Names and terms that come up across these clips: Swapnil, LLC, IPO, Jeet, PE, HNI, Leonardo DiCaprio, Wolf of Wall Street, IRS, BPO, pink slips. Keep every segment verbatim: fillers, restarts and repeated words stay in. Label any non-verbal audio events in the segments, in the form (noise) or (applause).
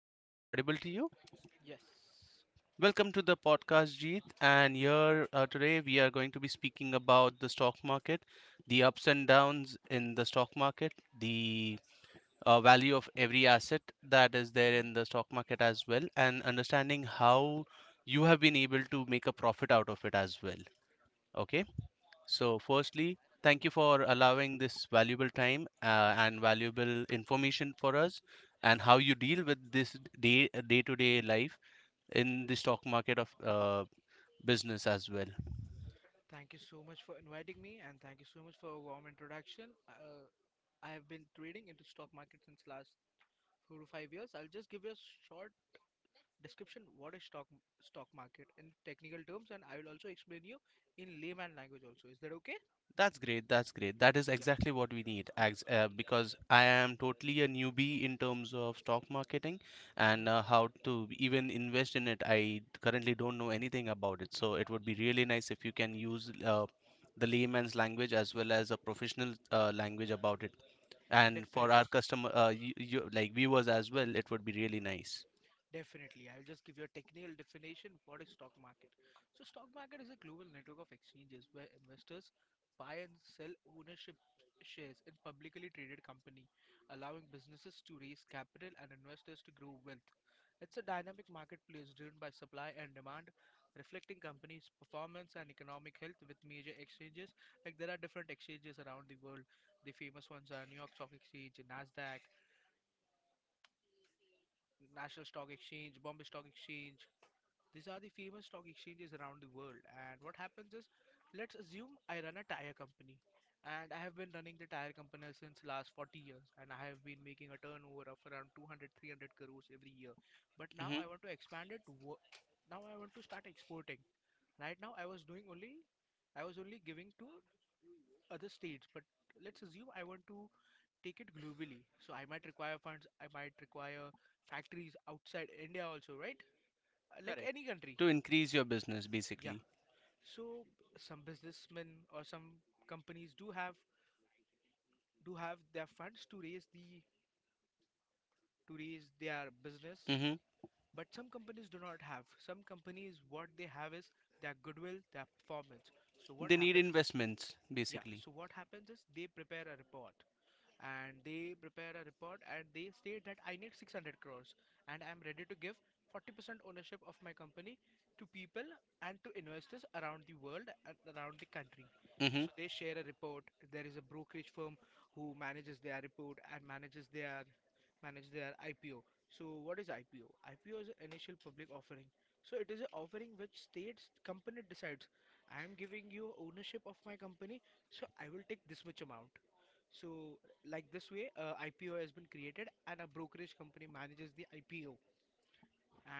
Uh, am I audible to you? Yes. Welcome to the podcast, Jeet. And here uh, today we are going to be speaking about the stock market, the ups and downs in the stock market, the uh, value of every asset that is there in the stock market as well, and understanding how you have been able to make a profit out of it as well. Okay. So, firstly, thank you for allowing this valuable time uh, and valuable information for us and how you deal with this day day to day life in the stock market of uh, business as well. Thank you so much for inviting me and thank you so much for a warm introduction. Uh, I have been trading into stock market since last four to five years. I'll just give you a short description what is stock stock market in technical terms and I will also explain you in layman language also. Is that okay? That's great. That's great. That is exactly what we need, as, uh, because I am totally a newbie in terms of stock marketing and uh, how to even invest in it. I currently don't know anything about it, so it would be really nice if you can use uh, the layman's language as well as a professional uh, language about it. And for our customer, uh, you, you, like viewers as well, it would be really nice. Definitely. I'll just give you a technical definition. What is stock market? So stock market is a global network of exchanges where investors buy and sell ownership shares in publicly traded company, allowing businesses to raise capital and investors to grow wealth. It's a dynamic marketplace driven by supply and demand, reflecting companies' performance and economic health with major exchanges. Like there are different exchanges around the world. The famous ones are New York Stock Exchange, Nasdaq, National Stock Exchange, Bombay Stock Exchange, these are the famous stock exchanges around the world. And what happens is, let's assume I run a tire company, and I have been running the tire company since last forty years, and I have been making a turnover of around two hundred, three hundred crores every year. But now Hmm. I want to expand it. wo- Now I want to start exporting. Right now I was doing only, I was only giving to other states, but let's assume I want to take it globally. So I might require funds, I might require factories outside India also, right? Uh, Like Correct. any country. To increase your business, Yeah. basically. So some businessmen or some companies do have do have their funds to raise the to raise their business, Hmm. but some companies do not have. Some companies what they have is their goodwill, their performance. So what They need hap- investments, yeah, basically. so what happens is they prepare a report and they prepare a report and they state that I need six hundred crores and I'm ready to give forty percent ownership of my company to people and to investors around the world and around the country. Hmm. So they share a report. There is a brokerage firm who manages their report and manages their manage their I P O. So what is I P O? I P O is an initial public offering. So it is an offering which states company decides I am giving you ownership of my company, so I will take this much amount. So like this way, uh, I P O has been created and a brokerage company manages the I P O.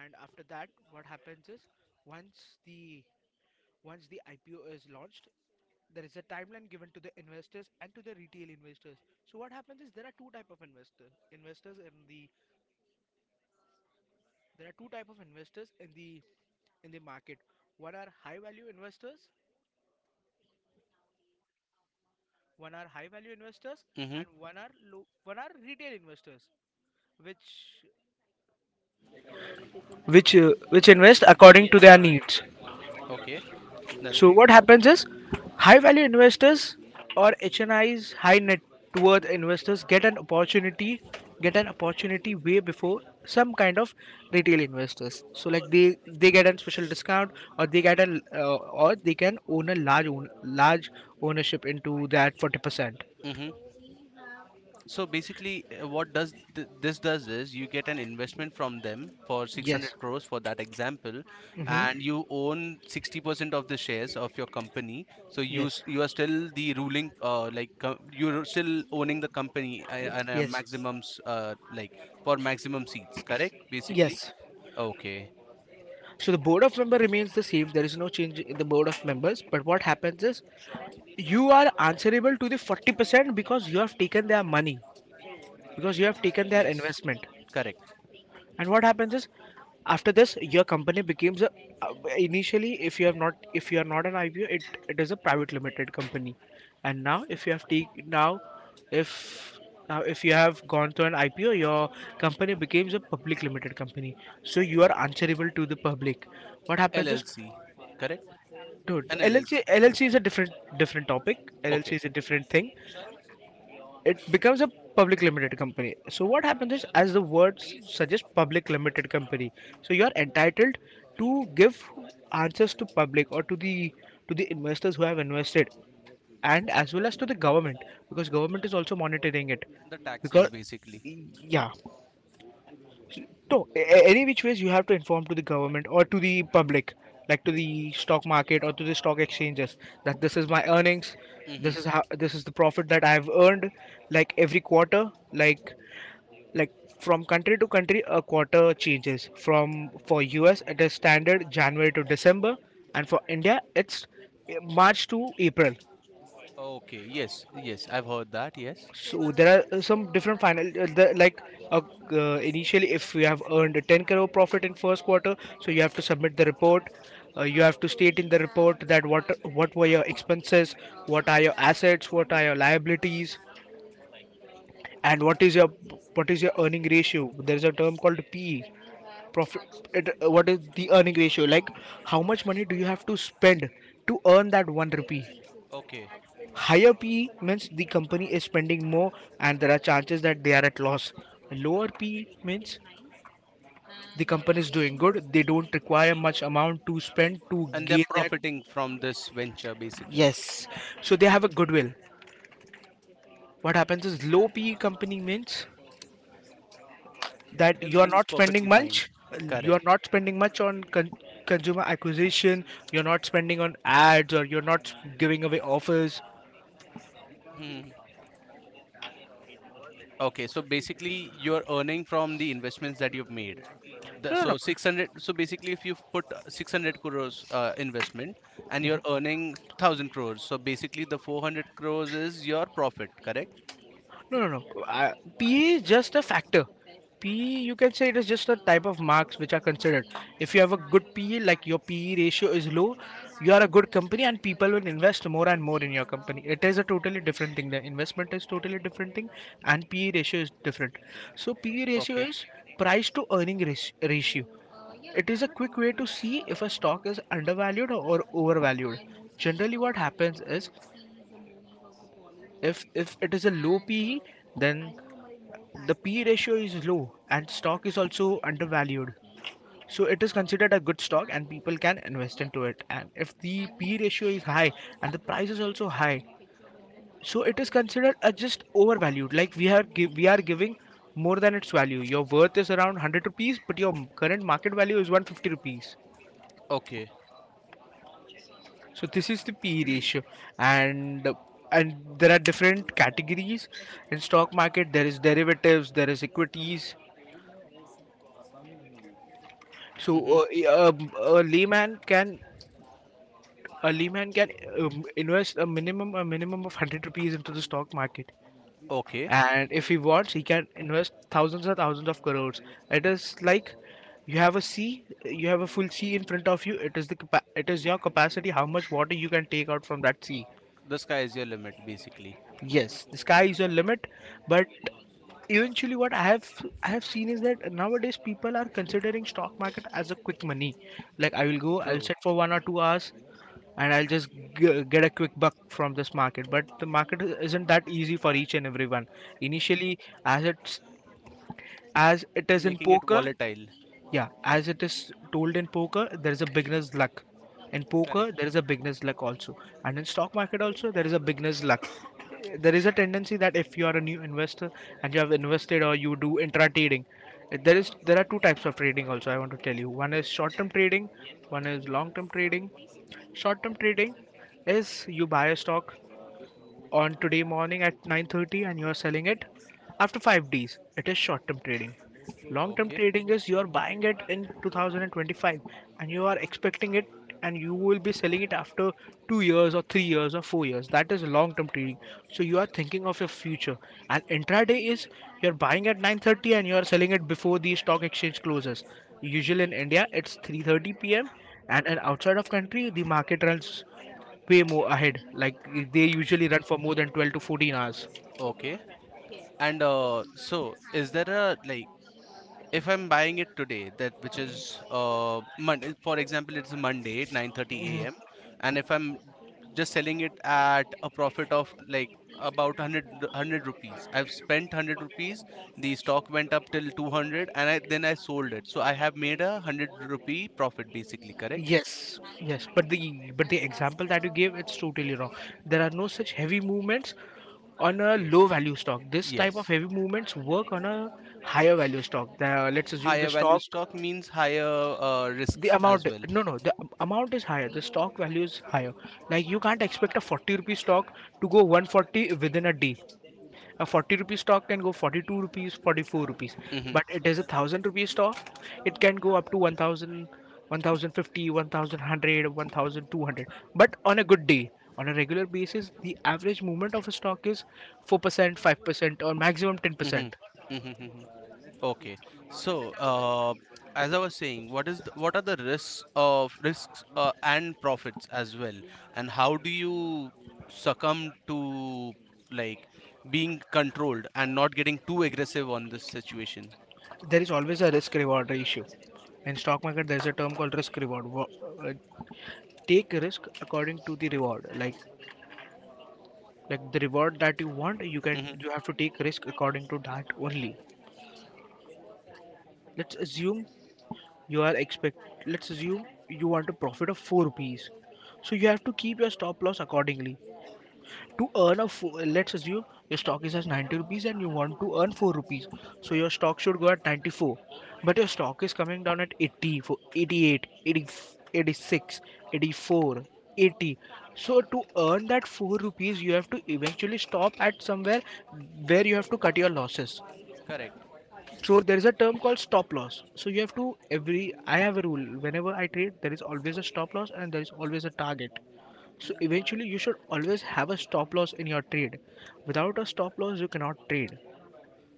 And after that, what happens is once the once the I P O is launched, there is a timeline given to the investors and to the retail investors. So what happens is there are two type of investors investors in the there are two type of investors in the in the market. one are high value investors One are high value investors, Hmm. and one are low one are retail investors which which uh, which invest according to their needs. Okay. That's So great. what happens is high value investors, or H N Is, high net worth investors, get an opportunity, get an opportunity way before some kind of retail investors. So like they they get a special discount or they get an uh, or they can own a large own large ownership into that forty percent. Hmm. So basically, uh, what does th this does is you get an investment from them for six hundred Yes. crores for that example, Mm-hmm. and you own sixty percent of the shares of your company. So you s- Yes. you are still the ruling, uh, like co you're still owning the company a- and a Yes. maximums, uh, like for maximum seats, correct? Basically, Yes. okay, So the board of member remains the same. There is no change in the board of members. But what happens is you are answerable to the forty percent because you have taken their money, because you have taken their yes, investment. correct. And what happens is after this, your company becomes a uh, initially if you have not if you are not an I P O, it, it is a private limited company. And now if you have take now if now if you have gone to an I P O, your company becomes a public limited company. So you are answerable to the public. What happens is, L L C, correct? Dude, An L L C, L L C is a different different topic. okay. L L C is a different thing. It becomes a public limited company. So what happens is, as the words suggest, public limited company. So you are entitled to give answers to public or to the to the investors who have invested, and as well as to the government because government is also monitoring it. The taxes Because basically. yeah, no, a- a- any which ways you have to inform to the government or to the public, like to the stock market or to the stock exchanges, that this is my earnings, Hmm. this is how this is the profit that I've earned, like every quarter, like like from country to country, a quarter changes. From For U S, it is standard January to December, and for India, it's uh, March to April. Okay, yes, yes, I've heard that, yes. So there are uh, some different final uh, the, like uh, uh, initially if you have earned ten crore profit in first quarter, so you have to submit the report. Uh, you have to state in the report that what what were your expenses, what are your assets, what are your liabilities, and what is your what is your earning ratio. There is a term called P E profit it, uh, what is the earning ratio, like how much money do you have to spend to earn that one rupee. Okay. Higher P means the company is spending more and there are chances that they are at loss. Lower P means the company is doing good. They don't require much amount to spend to And they're gain that. profiting from this venture basically. Yes. So they have a goodwill. What happens is low P company means that you're Everything is not spending perfectly fine. much. You're Correct. not spending much on con- consumer acquisition. You're not spending on ads or you're not giving away offers. Hmm. Okay, so basically you're earning from the investments that you've made. No, no, no. The, so six hundred, so basically if you've put uh, six hundred crores uh, investment and you're earning one thousand crores, so basically the four hundred crores is your profit, correct? No, no, no. Uh, P E is just a factor. P E, you can say it is just a type of marks which are considered. If you have a good P E, like your P E ratio is low, you are a good company and people will invest more and more in your company. It is a totally different thing. The investment is totally different thing and P E ratio is different. So P E ratio Okay, is price to earning ras- ratio. It is a quick way to see if a stock is undervalued or overvalued. Generally, what happens is if if it is a low P E, then the P E ratio is low and stock is also undervalued. So it is considered a good stock and people can invest into it. And if the P E ratio is high and the price is also high, so it is considered a just overvalued. Like we are gi- we are giving more than its value. Your worth is around one hundred rupees, but your current market value is one hundred fifty rupees. okay. So this is the P E ratio, and and there are different categories in stock market. There is derivatives, there is equities. Hmm. So uh, i- um, a layman can a layman can um, invest a minimum a minimum of hundred rupees into the stock market, Okay. and if he wants, he can invest thousands and thousands of crores. It is like you have a sea, you have a full sea in front of you. It is the capa- it is your capacity how much water you can take out from that sea. The sky is your limit basically. Yes, the sky is your limit, but eventually what i have i have seen is that nowadays people are considering stock market as a quick money, like I will go I'll True. sit for one or two hours and I'll just g- get a quick buck from this market. But the market isn't that easy for each and everyone. Initially, as it's as it is in Making it poker, volatile. yeah, as it is told in poker, there is a beginner's luck. In poker, there Correct. is a beginner's luck also, and in stock market also there is a beginner's luck. There is a tendency that if you are a new investor and you have invested or you do intra trading, there is there are two types of trading also. I want to tell you. One is short-term trading, one is long-term trading. Short-term trading is you buy a stock on today morning at nine thirty and you are selling it after five days. It is short-term trading. Long-term Okay. trading is you are buying it in two thousand twenty-five and you are expecting it and you will be selling it after two years or three years or four years. That is long-term trading. So you are thinking of your future. And intraday is you are buying at nine thirty and you are selling it before the stock exchange closes. Usually in India it's three thirty p m and in outside of country the market runs way more ahead. Like they usually run for more than 12 to 14 hours. Okay. And uh, so is there a like if I'm buying it today that which is uh Monday for example, it's Monday at 9:30 Mhm. a.m. And if I'm just selling it at a profit of like about one hundred d- one hundred rupees, I've spent one hundred rupees, the stock went up till two hundred, and I then I sold it, so I have made a one hundred rupee profit basically, correct? Yes, yes, but the but the example that you gave it's totally wrong. There are no such heavy movements on Correct. a low Yes. value stock. This type of Yes. heavy movements work on a higher value stock. The, let's assume the Higher value stock stock means higher uh, the risks as amount well. no no the amount is higher, the stock value is higher. Like, you can't expect a forty rupee stock to go one forty within a day. A forty rupees stock can go forty-two rupees, forty-four rupees, Hmm. but it is a one thousand rupees stock, it can go up to one thousand, one thousand fifty, one thousand one hundred, one thousand two hundred, but on a good day. On a regular basis, the average movement of a stock is four percent, five percent, or maximum Hmm. ten percent. Hmm. Okay. So, uh, as I was saying, what is the, what are the risks of risks uh, and profits as well, and how do you succumb to like being controlled and not getting too aggressive on this situation? There is always a risk reward ratio. In stock market, there's a term called risk reward Wo- uh, take risk according to the reward. Like like the reward that you want, you can Hmm. you have to take risk according to that only. let's assume you are expect let's assume you want to profit of four rupees, so you have to keep your stop loss accordingly. To earn a four, let's assume your stock is at ninety rupees and you want to earn four rupees, so your stock should go at ninety-four, but your stock is coming down at eighty, for 88, 80, eighty-six, eighty-four, eighty. So to earn that four rupees, you have to eventually stop at somewhere where you have to cut your losses. Correct. So there is a term called stop loss. So you have to every I have a rule: whenever I trade, there is always a stop loss and there is always a target. So eventually you should always have a stop loss in your trade. Without a stop loss you cannot trade.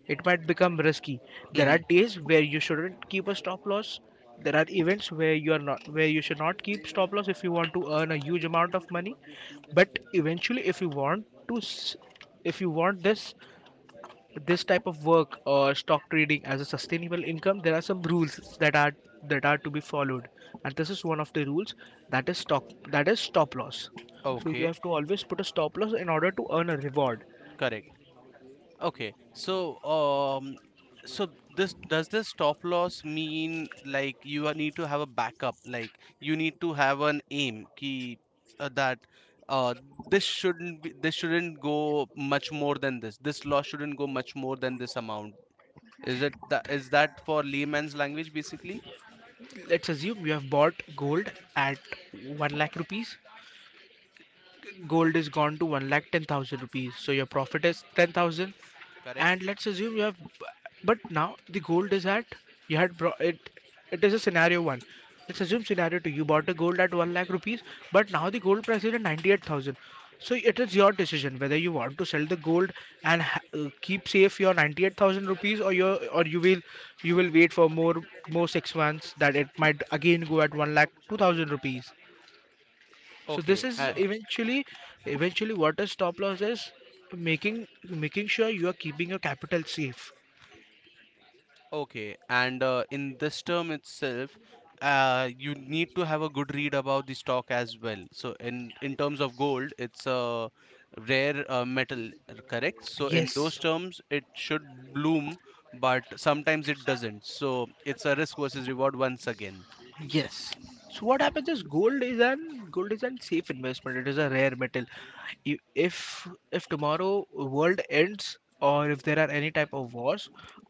It might become risky. There Hmm. are days where you shouldn't keep a stop loss. There are events where you are not where you should not keep stop loss if you want to earn a huge amount of money. But eventually, if you want to s- if you want this this type of work or stock trading as a sustainable income, there are some rules that are that are to be followed, and this is one of the rules, that is stock that is stop loss. So you Okay. have to always put a stop loss in order to earn a reward. Correct. Okay, so um, so this does this stop loss mean like you are- need to have a backup, like you need to have an aim key uh, that uh this shouldn't be this shouldn't go much more than this. This loss shouldn't go much more than this amount. Is it that is that for layman's language basically? Let's assume you have bought gold at one lakh rupees. Gold is gone to one lakh ten thousand rupees. So your profit is ten thousand, Correct. and let's assume you have. But now the gold is at — you had brought it. It is a scenario one. Let's assume scenario two. You bought a gold at one lakh rupees, but now the gold price is at ninety eight thousand. So it is your decision whether you want to sell the gold and ha- uh, keep safe your ninety eight thousand rupees, or your or you will you will wait for more more six months, that it might again go at one lakh two thousand rupees. So this Okay. is Uh, eventually, eventually what is stop loss is making making sure you are keeping your capital safe. Okay, and uh, in this term itself, uh, you need to have a good read about the stock as well. So in in terms of gold, it's a rare uh, metal, uh, correct? So in those Yes. terms, it should bloom, but sometimes it doesn't. So it's a risk versus reward once again. Yes. So what happens is, gold is an gold is an safe investment. It is a rare metal. I- If if tomorrow world ends, or if there are any type of wars,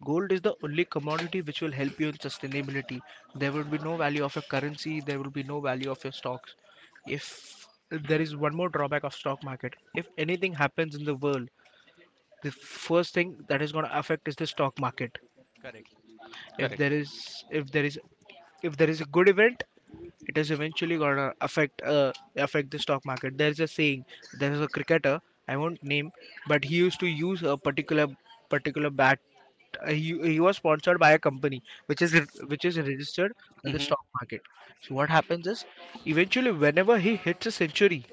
gold is the only commodity which will help you in sustainability. There would be no value of your currency. There will be no value of your stocks. If There is one more drawback of stock market: if anything happens in the world, the first thing that is going to affect is the stock market. Correct. if Correct. there is if there is if there is a good event, it is eventually gonna affect uh, affect the stock market. There is a saying. There is a cricketer, I won't name, but he used to use a particular, particular bat. Uh, he, he was sponsored by a company which is, which is registered on the Mm-hmm. stock market. So what happens is, eventually, whenever he hits a century,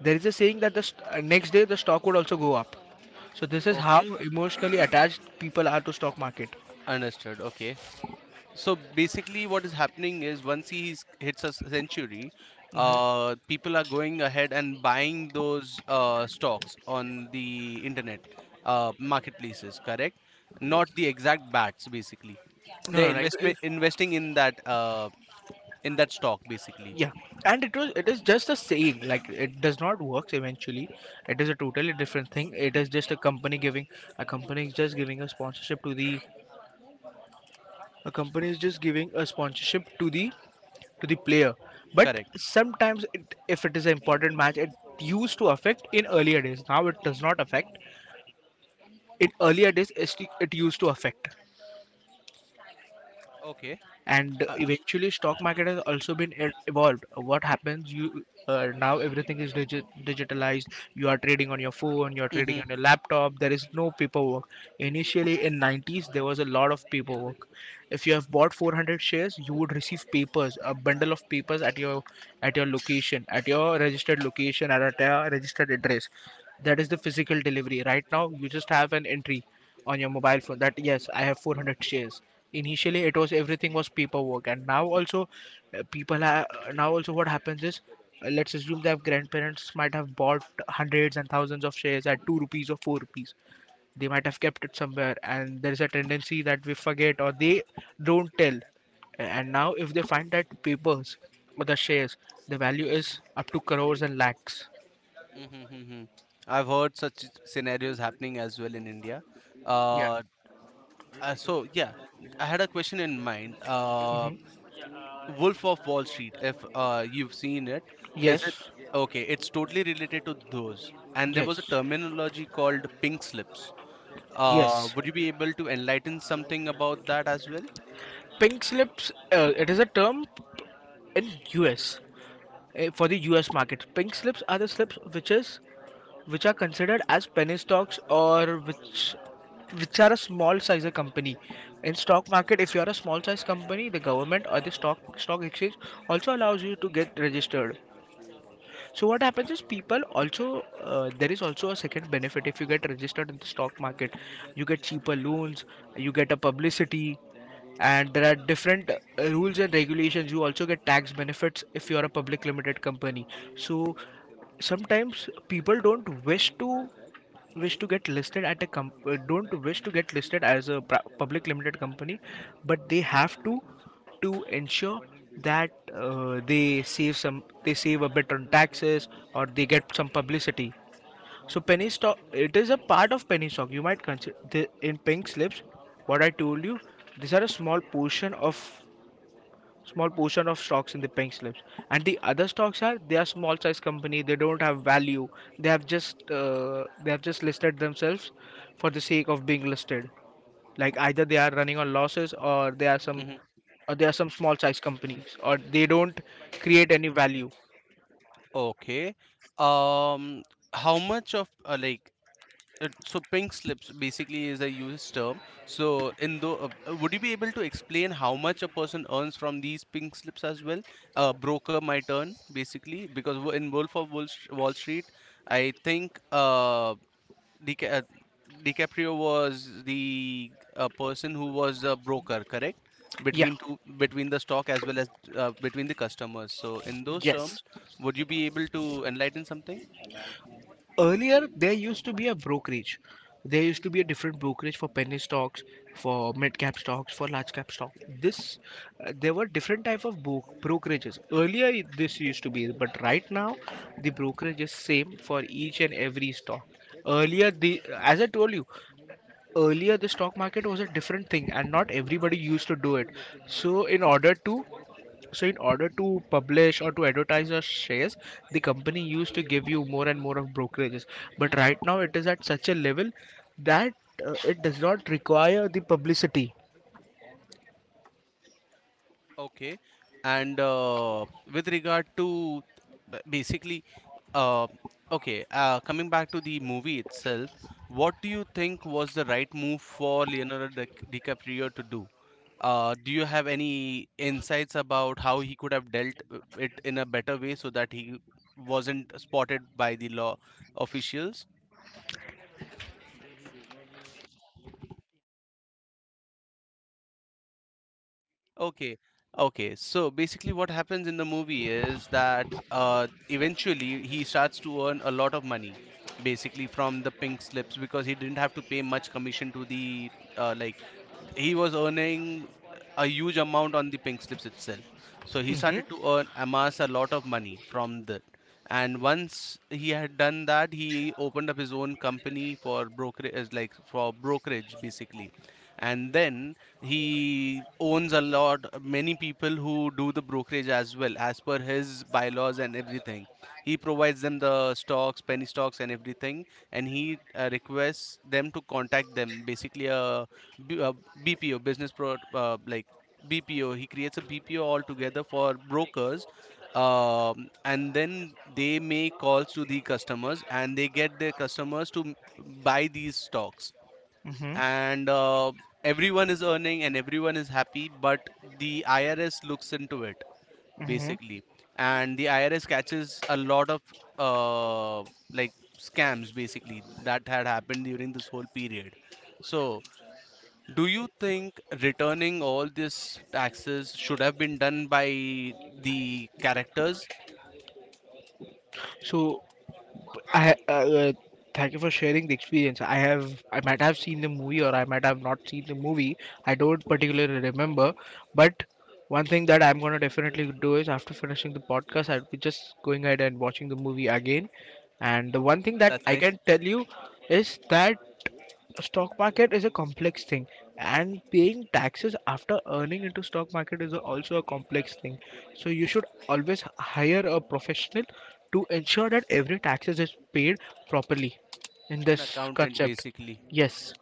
there is a saying that the st- uh, next day the stock would also go up. So this is how Okay, emotionally attached people are to stock market. understood. Okay. So basically, what is happening is once he s- hits a s- century, uh, people are going ahead and buying those uh, stocks on the internet uh, marketplaces, correct? Not the exact bats, basically. No, They're no, no. It, investment is, investing in that uh, in that stock, basically, Yeah, and it was it is just a saying. Like, it does not work eventually. It is a totally different thing. It is just a company giving — a company is just giving a sponsorship to the a company is just giving a sponsorship to the to the player. But correct? sometimes, it, if it is an important match, it used to affect in earlier days. Now it does not affect. In earlier days, it, it used to affect. Okay. And Uh, eventually stock market has also been e- evolved. What happens, you uh, now everything is digi- digitalized. You are trading on your phone, you are trading mm-hmm, on your laptop. There is no paperwork. Initially in nineties, there was a lot of paperwork. If you have bought four hundred shares, you would receive papers, a bundle of papers at your, at your location, at your registered location, at a registered address. That is the physical delivery. Right now you just have an entry on your mobile phone that, yes, I have four hundred shares. Initially, it was everything was paperwork, and now also uh, people are now also what happens is, uh, let's assume that grandparents might have bought hundreds and thousands of shares at two rupees or four rupees. They might have kept it somewhere, and there is a tendency that we forget, or they don't tell. And now if they find that papers, or the shares, the value is up to crores and lakhs. mm-hmm, mm-hmm. I've heard such scenarios happening as well in India. Yeah. Uh, uh, so yeah, I had a question in mind. Uh, hmm. Wolf of Wall Street, if uh, you've seen it, is it Yes. okay? It's totally related to those. And there was a Yes. terminology called pink slips. Uh, yes. Would you be able to enlighten something about that as well? Pink slips, uh, it is a term in U S, uh, for the U S market. Pink slips are the slips which is which are considered as penny stocks, or which, which are a small size of company. In stock market, if you are a small size company, the government or the stock stock exchange also allows you to get registered. So what happens is, people also uh, there is also a second benefit: if you get registered in the stock market, you get cheaper loans, you get a publicity, and there are different uh, rules and regulations. You also get tax benefits if you are a public limited company. So sometimes people don't wish to, wish to get listed at a comp- uh, don't wish to get listed as a pr- public limited company, but they have to, to ensure that, uh, they save some, they save a bit on taxes, or they get some publicity. So penny stock, it is a part of penny stock you might consider, the, in pink slips. What I told you, these are a small portion of, small portion of stocks in the pink slips, and the other stocks are, they are small size company, they don't have value. They have just, uh, they have just listed themselves for the sake of being listed, like either they are running on losses, or they are some, Hmm. or they are some small size companies, or they don't create any value. Okay. Um, how much of uh, like Uh, so pink slips basically is a used term. So in the uh, uh, would you be able to explain how much a person earns from these pink slips as well? A broker might earn basically, because wo- in Wolf of Wall, Sh- Wall Street, I think uh, Dica- uh, DiCaprio was the uh, person who was a broker, correct? Yeah. Between two, between the stock as well as uh, between the customers. So, in those Yes. terms, would you be able to enlighten something? Earlier, there used to be a brokerage. There used to be a different brokerage for penny stocks, for mid cap stocks, for large cap stock. This, uh, there were different type of bro- brokerages. Earlier, it- this used to be, but right now, the brokerage is same for each and every stock. Earlier, the as I told you, earlier the stock market was a different thing, and not everybody used to do it. So, in order to so, in order to publish or to advertise your shares, the company used to give you more and more of brokerages. But right now, it is at such a level that, uh, it does not require the publicity. Okay. And uh, with regard to b- basically, uh, okay, uh, coming back to the movie itself, what do you think was the right move for Leonardo Dic- DiCaprio to do? Uh, do you have any insights about how he could have dealt uh, it in a better way so that he wasn't spotted by the law officials? Okay. Okay. So basically, what happens in the movie is that uh, eventually he starts to earn a lot of money, basically from the pink slips, because he didn't have to pay much commission to the uh, like he was earning a huge amount on the pink slips itself. So he started to earn amass a lot of money from that. And once he had done that, he opened up his own company for brokerage, like for brokerage basically. And then he owns a lot, many people who do the brokerage as well, as per his bylaws and everything. He provides them the stocks, penny stocks, and everything, and he uh, requests them to contact them, basically a B, uh, B P O, business pro uh, like B P O he creates a B P O altogether for brokers, um, and then they make calls to the customers and they get their customers to m- buy these stocks, Mm-hmm. and uh, everyone is earning and everyone is happy, but the I R S looks into it Mm-hmm. basically, and the I R S catches a lot of uh, like scams basically that had happened during this whole period. So do you think returning all these taxes should have been done by the characters? So, I, uh, uh, thank you for sharing the experience. I have I might have seen the movie, or I might have not seen the movie. I don't particularly remember, but one thing that I'm gonna definitely do is, after finishing the podcast, I'll be just going ahead and watching the movie again. And the one thing that That's I nice. can tell you is that stock market is a complex thing, and paying taxes after earning into stock market is also a complex thing. So you should always hire a professional to ensure that every taxes is paid properly in An this accountant, concept. basically. Yes.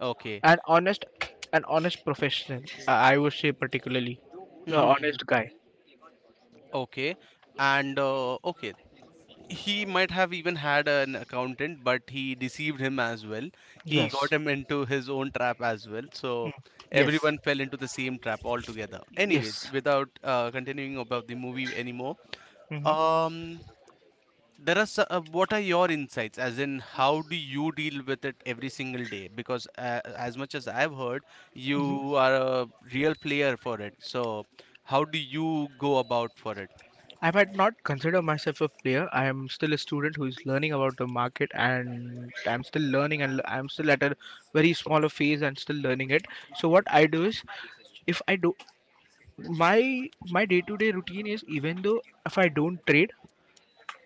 Okay. An honest, an honest professional, i I would say particularly. The honest (laughs) guy. Okay. And uh, okay. He might have even had an accountant, but he deceived him as well. He Yes. got him into his own trap as well. Mm. So Yes. everyone fell into the same trap altogether. Anyways, Yes. without uh, continuing about the movie anymore, Hmm. um, there are so- uh, what are your insights? As in, how do you deal with it every single day? Because uh, as much as I've heard, you are a real player for it. So how do you go about for it? I might not consider myself a player. I am still a student who is learning about the market, and I'm still learning, and I'm still at a very smaller phase and still learning it. So what I do is, if I do my, my day-to-day routine is, even though if I don't trade,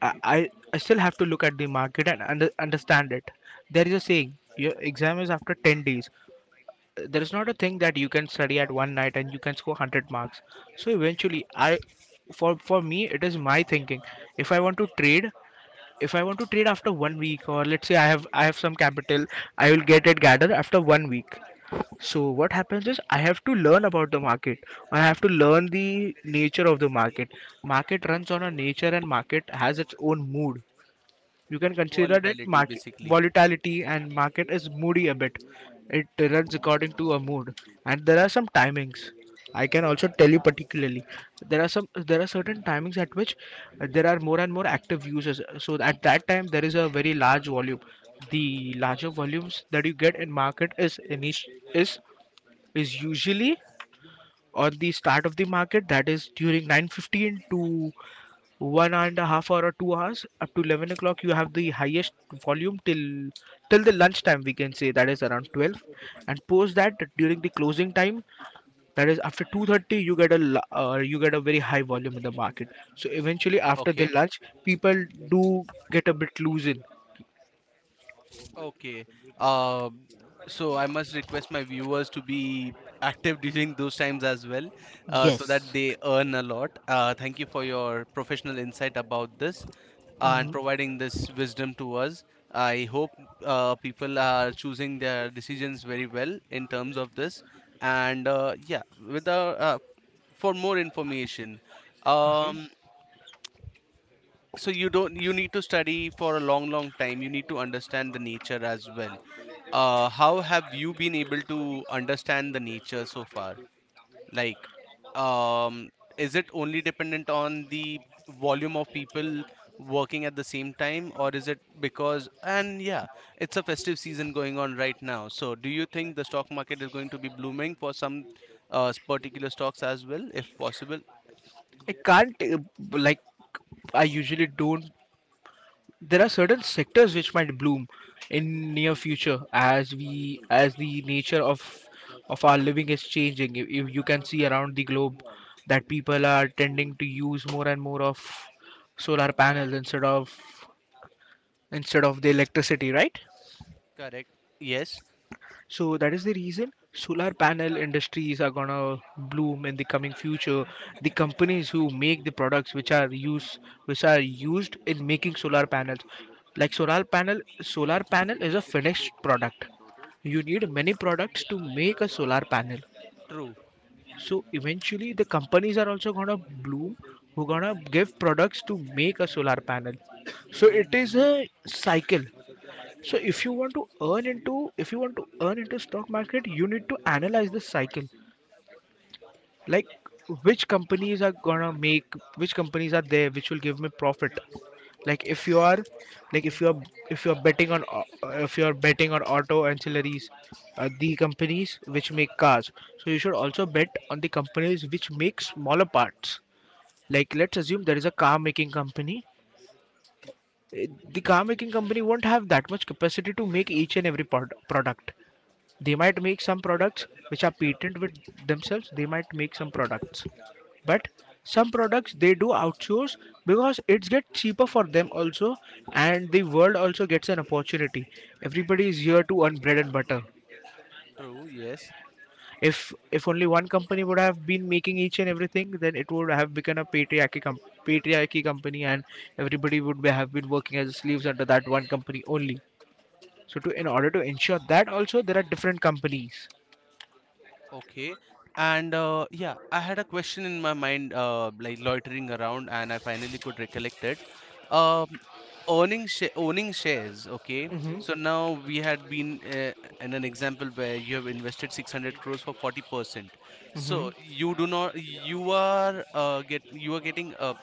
I I, I still have to look at the market and under, understand it. There is a saying, your exam is after ten days, there is not a thing that you can study at one night and you can score one hundred marks. So eventually I for for me it is my thinking. If I want to trade, if I want to trade after one week, or let's say i have i have some capital, I will get it gathered after one week. So what happens is I have to learn about the market, I have to learn the nature of the market. Market runs on a nature and market has its own mood. You can consider that Volatility, market basically. volatility, and market is moody a bit. It runs according to a mood, and there are some timings. I can also tell you particularly, there are some there are certain timings at which uh, there are more and more active users. So at that time there is a very large volume. The larger volumes that you get in market is init- is is usually on the start of the market, that is during nine fifteen to one and a half hour or two hours, up to eleven o'clock you have the highest volume till till the lunch time, we can say that is around twelve, and post that during the closing time, that is after two thirty, you get a l- uh, you get a very high volume in the market. So eventually after the Okay. lunch, people do get a bit loose in. Okay. Um, so I must request my viewers to be active (laughs) during those times as well, uh, so that they earn a lot. Uh, thank you for your professional insight about this uh, and providing this wisdom to us. I hope uh, people are choosing their decisions very well in terms of this. And uh, yeah, with the, uh, for more information, um, so you don't you need to study for a long, long time. You need to understand the nature as well. Uh, how have you been able to understand the nature so far? Like, um, is it only dependent on the volume of people working at the same time, or is it because, and yeah, it's a festive season going on right now. So, do you think the stock market is going to be blooming for some uh, particular stocks as well, if possible? I can't uh, like, I usually don't. There are certain sectors which might bloom in near future, as we as the nature of of our living is changing. If, if you can see around the globe that people are tending to use more and more of solar panels instead of instead of the electricity, right? Correct. Yes. So that is the reason solar panel industries are gonna bloom in the coming future. The companies who make the products which are used which are used in making solar panels, like solar panel, solar panel is a finished product. You need many products to make a solar panel. True. So eventually, the companies are also gonna bloom who gonna give products to make a solar panel. So Mm-hmm, it is mm-hmm. a cycle, so if you want to earn into if you want to earn into stock market, you need to analyze the cycle. Like, which companies are gonna make which companies are there which will give me profit. Like if you are, like if you are if you are betting on au- uh, if you are betting on auto ancillaries, uh, the companies which make cars. So you should also bet on the companies which make smaller parts. Like, let's assume there is a car making company. Uh, The car making company won't have that much capacity to make each and every prod- product They might make some products which are patent with themselves. They might make some products, but some products they do outsource because it's get cheaper for them also, and the world also gets an opportunity. Everybody is here to earn bread and butter. True. Yes. If if only one company would have been making each and everything, then it would have become a patriarchy com- patriarchy company, and everybody would be, have been working as slaves under that one company only. So to, in order to ensure that also, there are different companies. Okay. And uh, yeah, I had a question in my mind, uh, like loitering around, and I finally could recollect it. Um, owning sh- owning shares. Okay, so Mm-hmm. now we had been uh, in an example where you have invested six hundred crores for forty percent. So Mm-hmm. you do not, you are uh, get you are getting, uh,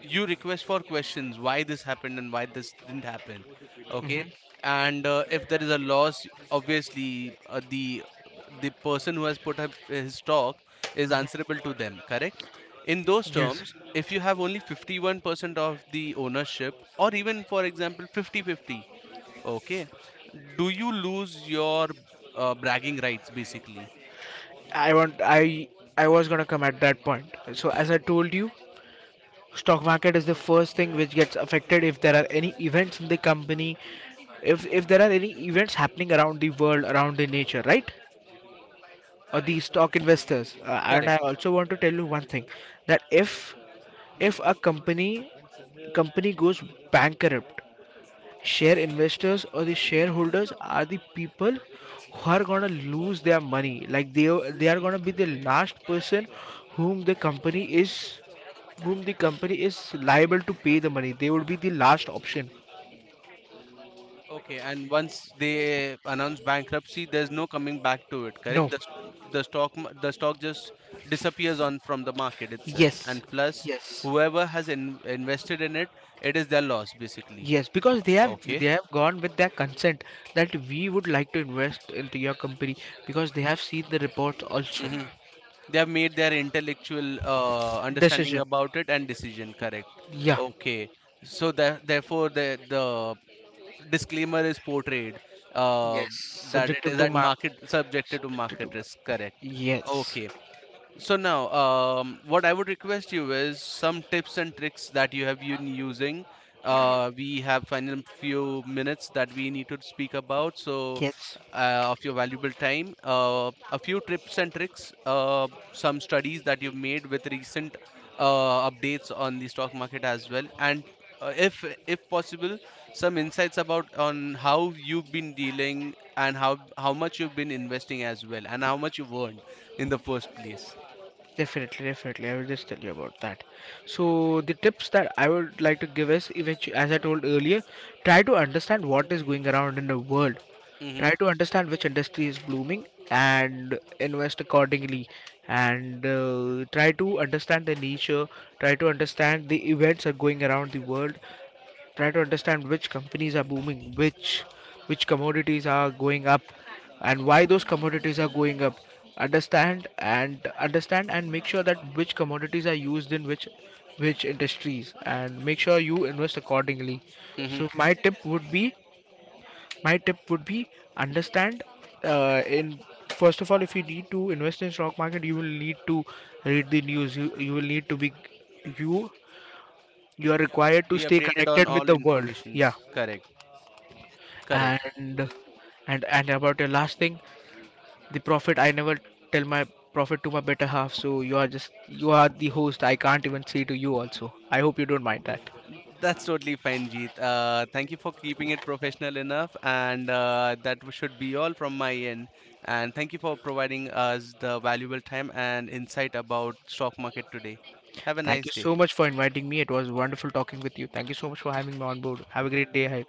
you request for questions why this happened and why this didn't happen. Okay, Hmm. and uh, if there is a loss, obviously uh, the the person who has put up his talk is answerable to them, correct? In those Yes, terms, if you have only fifty-one percent of the ownership, or even for example fifty fifty, okay, do you lose your uh, bragging rights, basically? I want. I I was gonna come at that point. So as I told you, stock market is the first thing which gets affected if there are any events in the company, if if there are any events happening around the world, around the nature, right? Or Correct. the stock investors. Uh, and Correct. I also want to tell you one thing, that if if a company, company goes bankrupt, share investors or the shareholders are the people who are gonna lose their money. Like they they are gonna be the last person whom the company is, whom the company is liable to pay the money. They would be the last option. Okay, and once they announce bankruptcy, there's no coming back to it, No. correct? The, s- the stock ma- the stock just disappears on from the market itself. Yes. And plus, Yes. whoever has in, invested in it, it is their loss basically. Yes, because they have they Okay. have gone with their consent that we would like to invest into your company, because they have seen the reports also. Hmm. They have made their intellectual uh, understanding Decision. about it and decision, correct? Yeah. Okay. So that therefore the the disclaimer is portrayed, uh, Yes. that it Subjective is to at mark. market, subjected to Subjective to market mark. risk, correct? Yes. Okay. So now, um, what I would request you is some tips and tricks that you have been using. Uh, we have final few minutes that we need to speak about, so Yes, uh, of your valuable time, uh, a few tips and tricks, uh, some studies that you've made with recent uh, updates on the stock market as well, and uh, if if possible, some insights about on how you've been dealing and how how much you've been investing as well, and how much you've earned in the first place. definitely, definitely. I will just tell you about that. So the tips that I would like to give is, eventu-, as I told earlier, try to understand what is going around in the world. Try Mm-hmm. to understand which industry is blooming and invest accordingly. And uh, try to understand the nature. Try to understand the events that are going around the world. Try to understand which companies are booming, which which commodities are going up, and why those commodities are going up. Understand and understand and make sure that which commodities are used in which which industries, and make sure you invest accordingly. Mm-hmm. So my tip would be, my tip would be understand, uh, in first of all, if you need to invest in stock market you will need to read the news. You, you will need to be you you are Be up, required to be stay updated connected on with all the world, yeah. informations. Correct. Correct. And and and about your last thing, the prophet, I never tell my prophet to my better half, so you are just, you are the host, I can't even say to you also, I hope you don't mind that. That's totally fine, Jeet. Uh, thank you for keeping it professional enough, and uh, that w- should be all from my end. And thank you for providing us the valuable time and insight about stock market today. Have a Thank nice you day. so much for inviting me, it was wonderful talking with you. Thank you so much for having me on board. Have a great day ahead.